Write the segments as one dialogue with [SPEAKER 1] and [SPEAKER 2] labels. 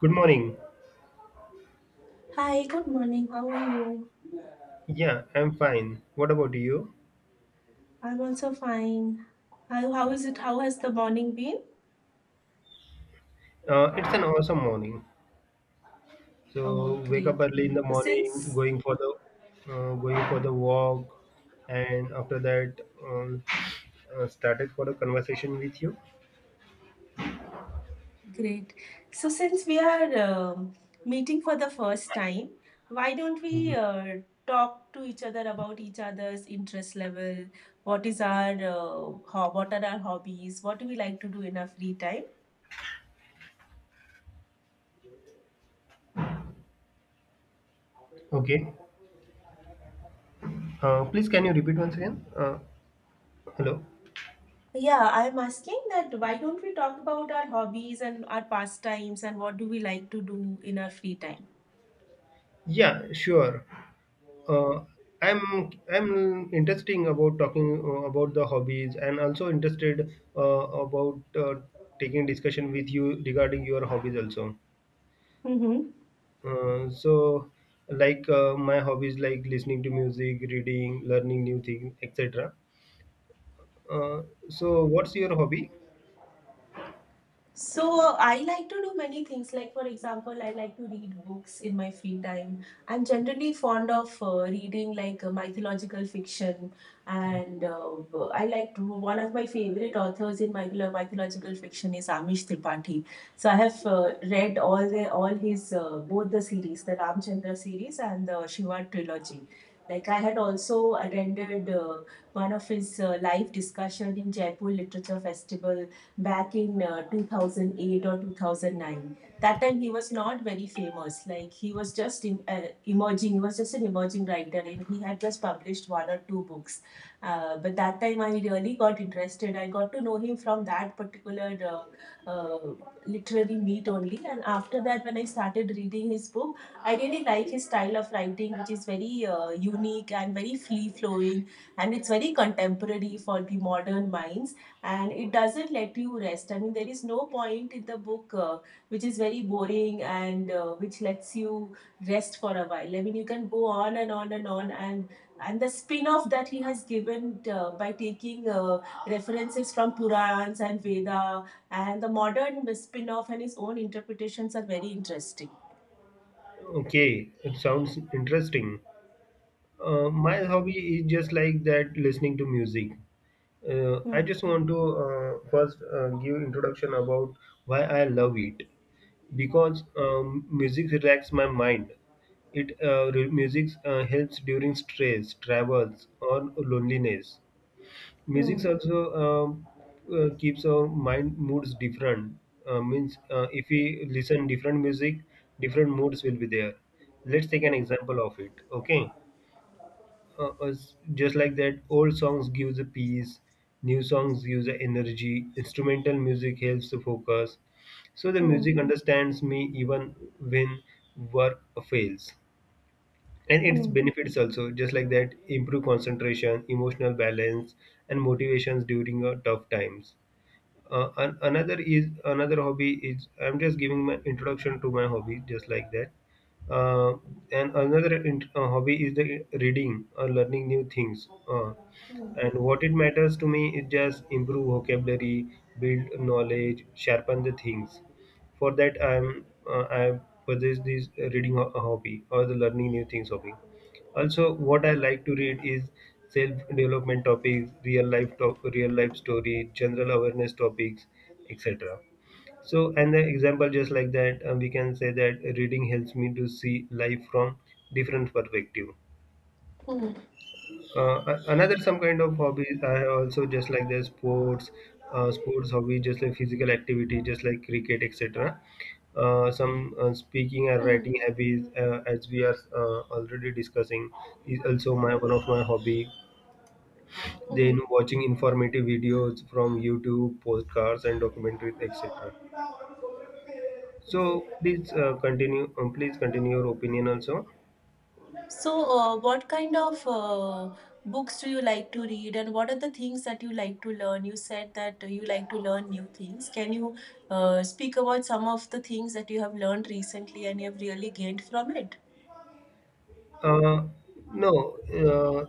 [SPEAKER 1] Good morning.
[SPEAKER 2] Hi, good morning. How are you?
[SPEAKER 1] Yeah, I'm fine. What about you?
[SPEAKER 2] I'm also fine. How is it? How has the morning been?
[SPEAKER 1] It's an awesome morning.
[SPEAKER 2] Oh,
[SPEAKER 1] So wake up
[SPEAKER 2] great.
[SPEAKER 1] early in the
[SPEAKER 2] So
[SPEAKER 1] morning,
[SPEAKER 2] Since
[SPEAKER 1] going for the walk, and after that, started for a conversation with you.
[SPEAKER 2] great. So since we are meeting for the first time, why don't we
[SPEAKER 1] Mhm.
[SPEAKER 2] talk to each other about each other's interest level? What is our what are our hobbies? What do we like to do in our free time?
[SPEAKER 1] Okay. Please, can you repeat once again? Hello.
[SPEAKER 2] Yeah, I'm asking that why don't we talk about our hobbies and our pastimes and what do we like to do in our free time?
[SPEAKER 1] Yeah, sure. Uh, I'm I'm interesting about talking about the hobbies and also interested about taking discussion with you regarding your hobbies also.
[SPEAKER 2] Mm-hmm.
[SPEAKER 1] So like my hobbies like listening to music, reading, learning new things, etc. uh, so what's your hobby?
[SPEAKER 2] So I like to do many things. Like for example, I like to read books in my free time. I'm generally fond of reading like mythological fiction, and I like to, one of my favorite authors in mythological fiction is Amish Tripathi. So I have read all his both the series, the Ramchandra series and the Shiva trilogy. Like I had also attended one of his live discussion in Jaipur Literature Festival back in 2008 or 2009. That time he was not very famous, like he was just in, emerging he was just an emerging writer and he had just published one or two books. But that time I really got interested. I got to know him from that particular literary meet only, and after that when I started reading his book, I really like his style of writing, which is very unique and very free flowing, and it's very contemporary for the modern minds, and it doesn't let you rest. I mean, there is no point in the book which is very boring and which lets you rest for a while. I mean, you can go on and on and on, and and the spin off that he has given by taking references from Purans and Veda, and the modern spin off and his own interpretations are very interesting.
[SPEAKER 1] Okay, it sounds interesting. My hobby is just like that, listening to music. I
[SPEAKER 2] Hmm.
[SPEAKER 1] just want to first give introduction about why I love it, because music relaxes my mind. It music helps during stress, travels, or loneliness. Music
[SPEAKER 2] Hmm.
[SPEAKER 1] also um, keeps our mind moods different. Means If we listen different music, different moods will be there. Let's take an
[SPEAKER 2] Hmm.
[SPEAKER 1] example of it. Okay, just like that, old songs gives a peace, new songs gives a energy. Instrumental music helps to focus. So the
[SPEAKER 2] Hmm.
[SPEAKER 1] music understands me even when work fails, and its
[SPEAKER 2] Hmm.
[SPEAKER 1] benefits also just like that, improve concentration, emotional balance, and motivations during tough times. Another hobby is I'm just giving my introduction to my hobby just like that. uh, and hobby is the reading or learning new things,
[SPEAKER 2] Hmm.
[SPEAKER 1] and what it matters to me is just improve vocabulary, build knowledge, sharpen the things. For that I possess this reading hobby or the learning new things hobby. Also, what I like to read is self-development topics, real life story, general awareness topics, etc. So, and the example just like that, we can say that reading helps me to see life from different perspective.
[SPEAKER 2] Hmm.
[SPEAKER 1] A- another Some kind of hobbies I have also, just like the sports, sports hobby, just like physical activity, just like cricket, etc. Some speaking and
[SPEAKER 2] Hmm.
[SPEAKER 1] writing hobbies, as we are already discussing, is also my one of my hobby.
[SPEAKER 2] Hmm. Hmm.
[SPEAKER 1] Then watching informative videos from YouTube, postcards, and documentaries, etc. So please continue. Please continue your opinion also.
[SPEAKER 2] So, what kind of books do you like to read, and what are the things that you like to learn? You said that you like to learn new things. Can you speak about some of the things that you have learned recently and you have really gained from it?
[SPEAKER 1] Uh, no,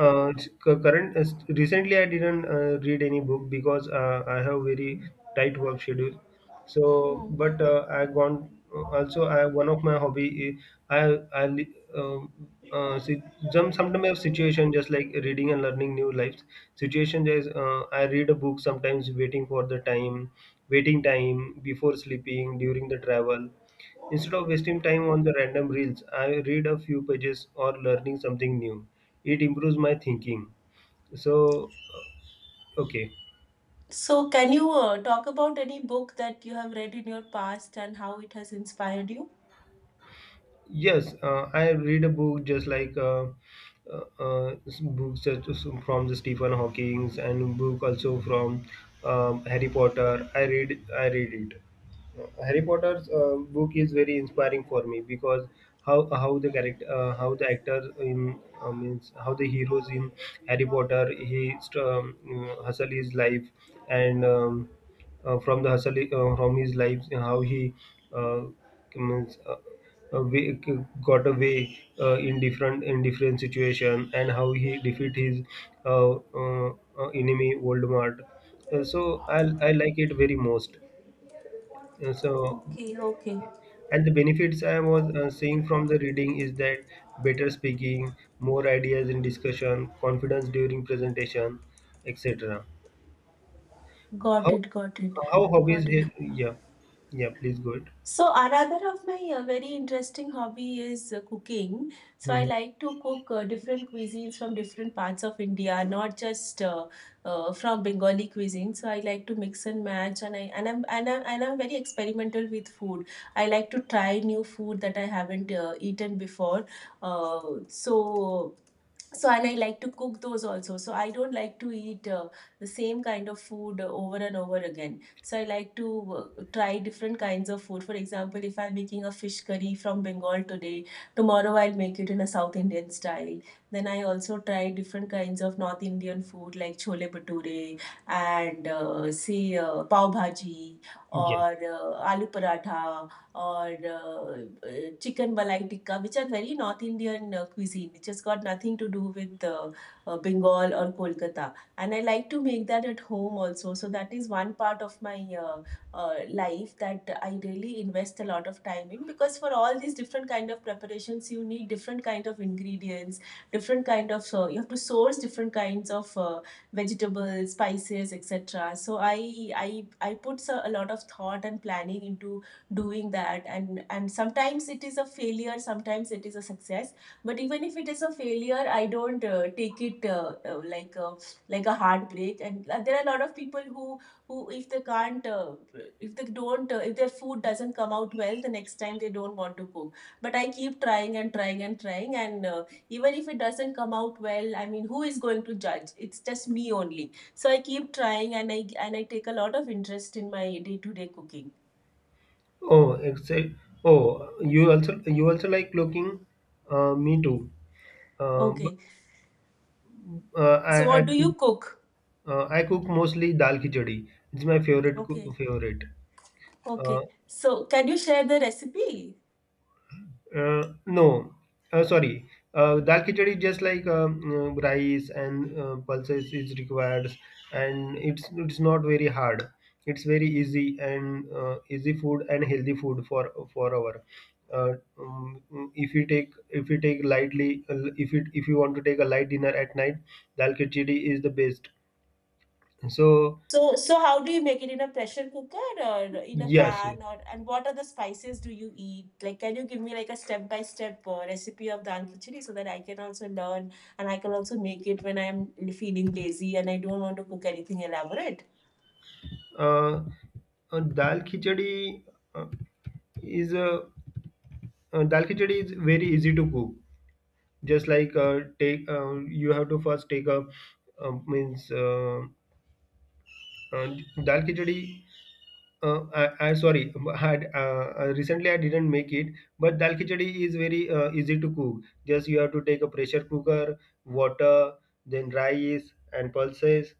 [SPEAKER 1] uh, cu- Current recently I didn't read any book because I have very tight work schedule. So,
[SPEAKER 2] Hmm.
[SPEAKER 1] but I gone also I one of my hobby, uh, I I li- um see, sometimes I have situation just like reading and learning new lives. Situation is I read a book sometimes waiting for the time, waiting time before sleeping, during the travel. Instead of wasting time on the random reels, I read a few pages or learning something new. It improves my thinking. So, okay.
[SPEAKER 2] So, can you talk about any book that you have read in your past and how it has inspired you?
[SPEAKER 1] Yes, I read a book just like books such as from the Stephen Hawking, and book also from Harry Potter. I read it. Harry Potter's book is very inspiring for me because how the character, how the actors in, means how the heroes in Harry Potter, hustle his life, and from the hustle, from his life, how he uh, means uh, uh, way, got away in different, in different situation, and how he defeat his uh, uh, enemy Voldemort. I like it very most. Uh, so
[SPEAKER 2] Okay, okay.
[SPEAKER 1] and the benefits I was seeing from the reading is that better speaking, more ideas in discussion, confidence during presentation, etc.
[SPEAKER 2] Got
[SPEAKER 1] How
[SPEAKER 2] it, got it,
[SPEAKER 1] how
[SPEAKER 2] got
[SPEAKER 1] hobbies?
[SPEAKER 2] it.
[SPEAKER 1] Yeah, yeah. Please go ahead.
[SPEAKER 2] So, another of my very interesting hobby is cooking. So, I
[SPEAKER 1] Mhm.
[SPEAKER 2] like to cook different cuisines from different parts of India, not just from Bengali cuisine. So, I like to mix and match, and I'm very experimental with food. I like to try new food that I haven't eaten before. Uh, so, so and I like to cook those also, so I don't like to eat the same kind of food over and over again, so I like to try different kinds of food. For example, if I'm making a fish curry from Bengal today, tomorrow I'll make it in a South Indian style. Then I also try different kinds of North Indian food like chole bhature and say pav bhaji
[SPEAKER 1] Yeah.
[SPEAKER 2] or aloo paratha or chicken malai tikka, which are very North Indian cuisine, which has got nothing to do with Bengal or Kolkata. And I like to make that at home also. So that is one part of my life that I really invest a lot of time in, because for all these different kind of preparations, you need different kind of ingredients, different kind of you have to source different kinds of vegetables, spices, etc. So I put so, a lot of thought and planning into doing that, and sometimes it is a failure, sometimes it is a success, but even if it is a failure I don't take it like a heartbreak. And there are a lot of people who who, if they can't if they don't if their food doesn't come out well the next time, they don't want to cook, but I keep trying and trying and trying, and even if it doesn't come out well, I mean, who is going to judge? It's just me only, so I keep trying, and I take a lot of interest in my day to day cooking.
[SPEAKER 1] Oh, except oh, you also, you also like cooking. Me too. But,
[SPEAKER 2] Okay.
[SPEAKER 1] uh,
[SPEAKER 2] So,
[SPEAKER 1] I I
[SPEAKER 2] what do you
[SPEAKER 1] cook,
[SPEAKER 2] cook?
[SPEAKER 1] I cook mostly dal khichdi. It's my
[SPEAKER 2] Okay.
[SPEAKER 1] favorite. Uh,
[SPEAKER 2] Okay. So, can you share the recipe?
[SPEAKER 1] No, Sorry. Dal khichdi is just like rice and pulses is required, and it's not very hard. It's very easy and easy food and healthy food for our. Uh, um, if you take, if you take lightly, if you, if you want to take a light dinner at night, dal khichdi is the best. So
[SPEAKER 2] So, so how do you make it, in a pressure cooker or in a
[SPEAKER 1] yes,
[SPEAKER 2] pan? Or, and what are the spices do you eat? Like, can you give me like a step by step recipe of dal khichdi so that I can also learn and I can also make it when I'm feeling lazy and I don't want to cook anything elaborate?
[SPEAKER 1] uh, dal khichdi uh, is a, dal khichdi is very easy to cook, just like take, you have to first take a means uh, dal khichdi. I Sorry, I had recently I didn't make it, but dal khichdi is very easy to cook. Just you have to take a pressure cooker, water, then rice and pulses.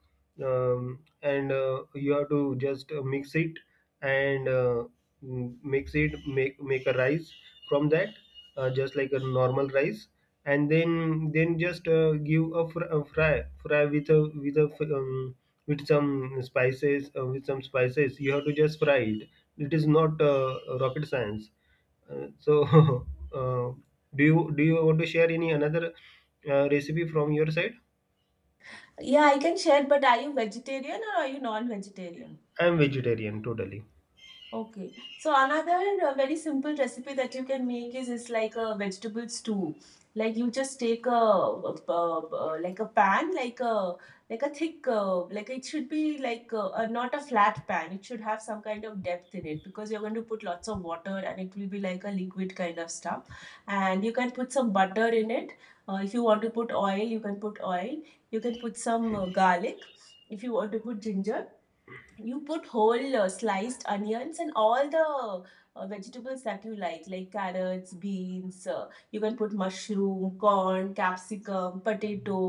[SPEAKER 1] And you have to just mix it, and mix it, make a rice from that, just like a normal rice, and then just give a, fry with a with some spices, with some spices you have to just fry it. It is not rocket science. uh, so uh, do you do you want to share any another recipe from your side?
[SPEAKER 2] Yeah, I can share. But are you vegetarian or are you non-vegetarian?
[SPEAKER 1] I am vegetarian totally.
[SPEAKER 2] Okay. So another very simple recipe that you can make is like a vegetable stew. Like you just take a, like a pan, like a thick, like it should be like a not a flat pan. It should have some kind of depth in it because you're going to put lots of water and it will be like a liquid kind of stuff. And you can put some butter in it. If you want to put oil, you can put oil. You can put some garlic, if you want to put ginger. You put whole sliced onions and all the vegetables that you like carrots, beans, you can put mushroom, corn, capsicum, potato,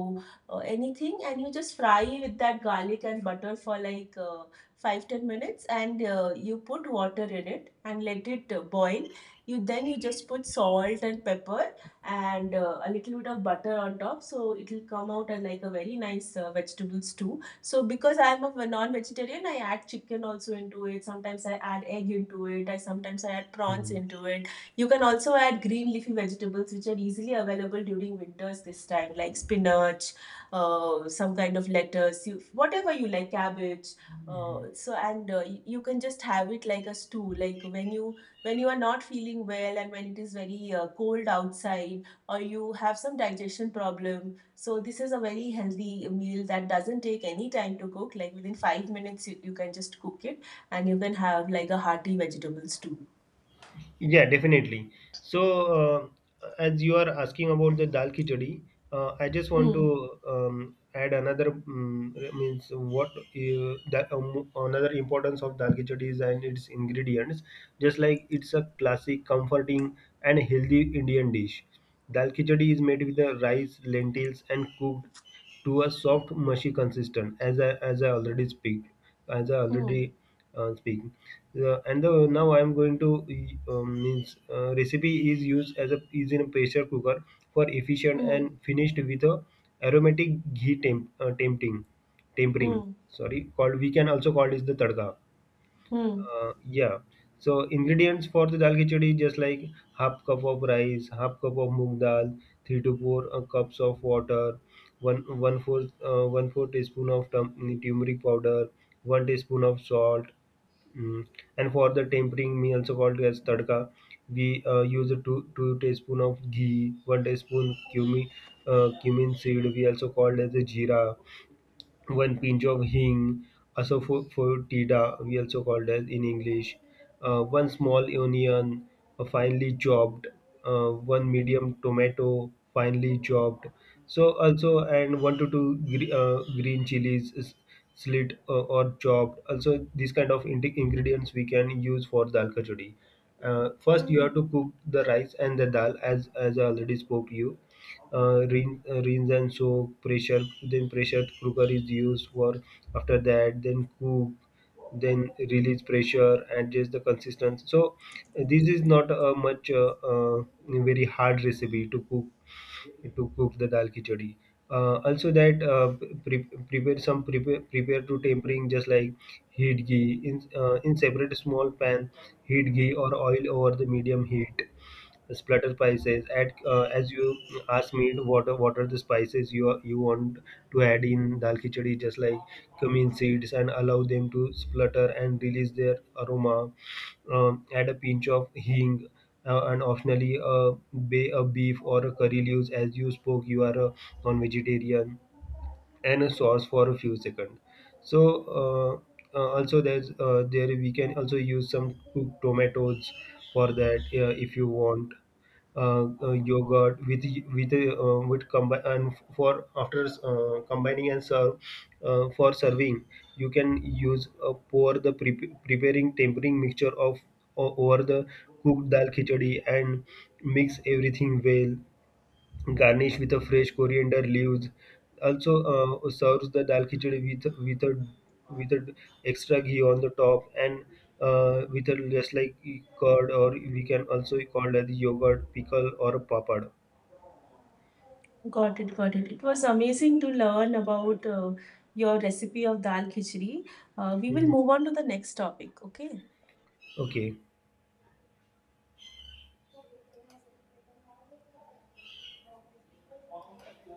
[SPEAKER 2] anything. And you just fry with that garlic and butter for like 5 10 minutes, and you put water in it and let it boil. You then you just put salt and pepper and a little bit of butter on top, so it will come out as like a very nice vegetable stew. So because I'm a non-vegetarian, I add chicken also into it. Sometimes I add egg into it. I sometimes I add prawns
[SPEAKER 1] Hmm.
[SPEAKER 2] into it. You can also add green leafy vegetables, which are easily available during winters this time, like spinach, some kind of lettuce, you, whatever you like, cabbage. So and you can just have it like a stew, like when you are not feeling well and when it is very cold outside, or you have some digestion problem. So this is a very healthy meal that doesn't take any time to cook. Like within 5 minutes, you can just cook it, and you can have like a hearty vegetable stew.
[SPEAKER 1] Yeah, definitely. So, as you are asking about the dal khichdi, I just want
[SPEAKER 2] Hmm.
[SPEAKER 1] to add another, means what that another importance of dal khichdi is and its ingredients. Just like it's a classic, comforting, and healthy Indian dish. Dal khichdi is made with the rice, lentils, and cooked to a soft mushy consistent, as I, as I already speak, as I
[SPEAKER 2] Hmm.
[SPEAKER 1] already speak. And the, now I am going to means recipe is used as a, is in a pressure cooker for efficient,
[SPEAKER 2] Hmm.
[SPEAKER 1] and finished with a aromatic ghee tempering,
[SPEAKER 2] Hmm.
[SPEAKER 1] sorry, called, we can also call it the tadka.
[SPEAKER 2] Hmm.
[SPEAKER 1] Yeah. So ingredients for the dal khichdi, just like half cup of rice, half cup of moong dal, three to four cups of water, one one fourth 1/4 teaspoon of turmeric powder, one teaspoon of salt, mm. And for the tempering, we also called as tadka, we use a two teaspoon of ghee, one teaspoon cumin, cumin seed. We also called as the jeera, one pinch of hing, asafoetida, we also called as in English, one small onion, finely chopped, one medium tomato, finely chopped. So also and one to two green chilies slit or chopped. Also these kind of ingredients we can use for dal kachori. First you
[SPEAKER 2] Hmm.
[SPEAKER 1] have to cook the rice and the dal, as I already spoke to you, rinse and soak pressure, then pressure cooker is used for, after that then cook, then release pressure, adjust the consistency. So this is not a much very hard recipe to cook, to cook the dal khichdi. Also that pre- prepare some, prepare to tempering, just like heat ghee in separate small pan, heat ghee or oil over the medium heat, splatter spices, add as you asked me to, what are the spices you want to add in dal khichdi, just like cumin seeds, and allow them to splutter and release their aroma. Add a pinch of hing, and optionally a, bay, a beef or a curry leaves. As you spoke, you are a non-vegetarian, and a sauce for a few seconds. So also there's, there we can also use some cooked tomatoes for that if you want, yogurt with, with and for after combining and serve, for serving you can use, pour the preparing tempering mixture of over the cooked dal khichdi and mix everything well, garnish with a fresh coriander leaves. Also serves the dal khichdi with a, with a extra ghee on the top, and with a just like e, curd, or we can also call it as yogurt, pickle, or a papad.
[SPEAKER 2] Got it. Got it. It was amazing to learn about your recipe of dal khichdi. We will
[SPEAKER 1] Mhm.
[SPEAKER 2] move on to the next topic. Okay.
[SPEAKER 1] Okay.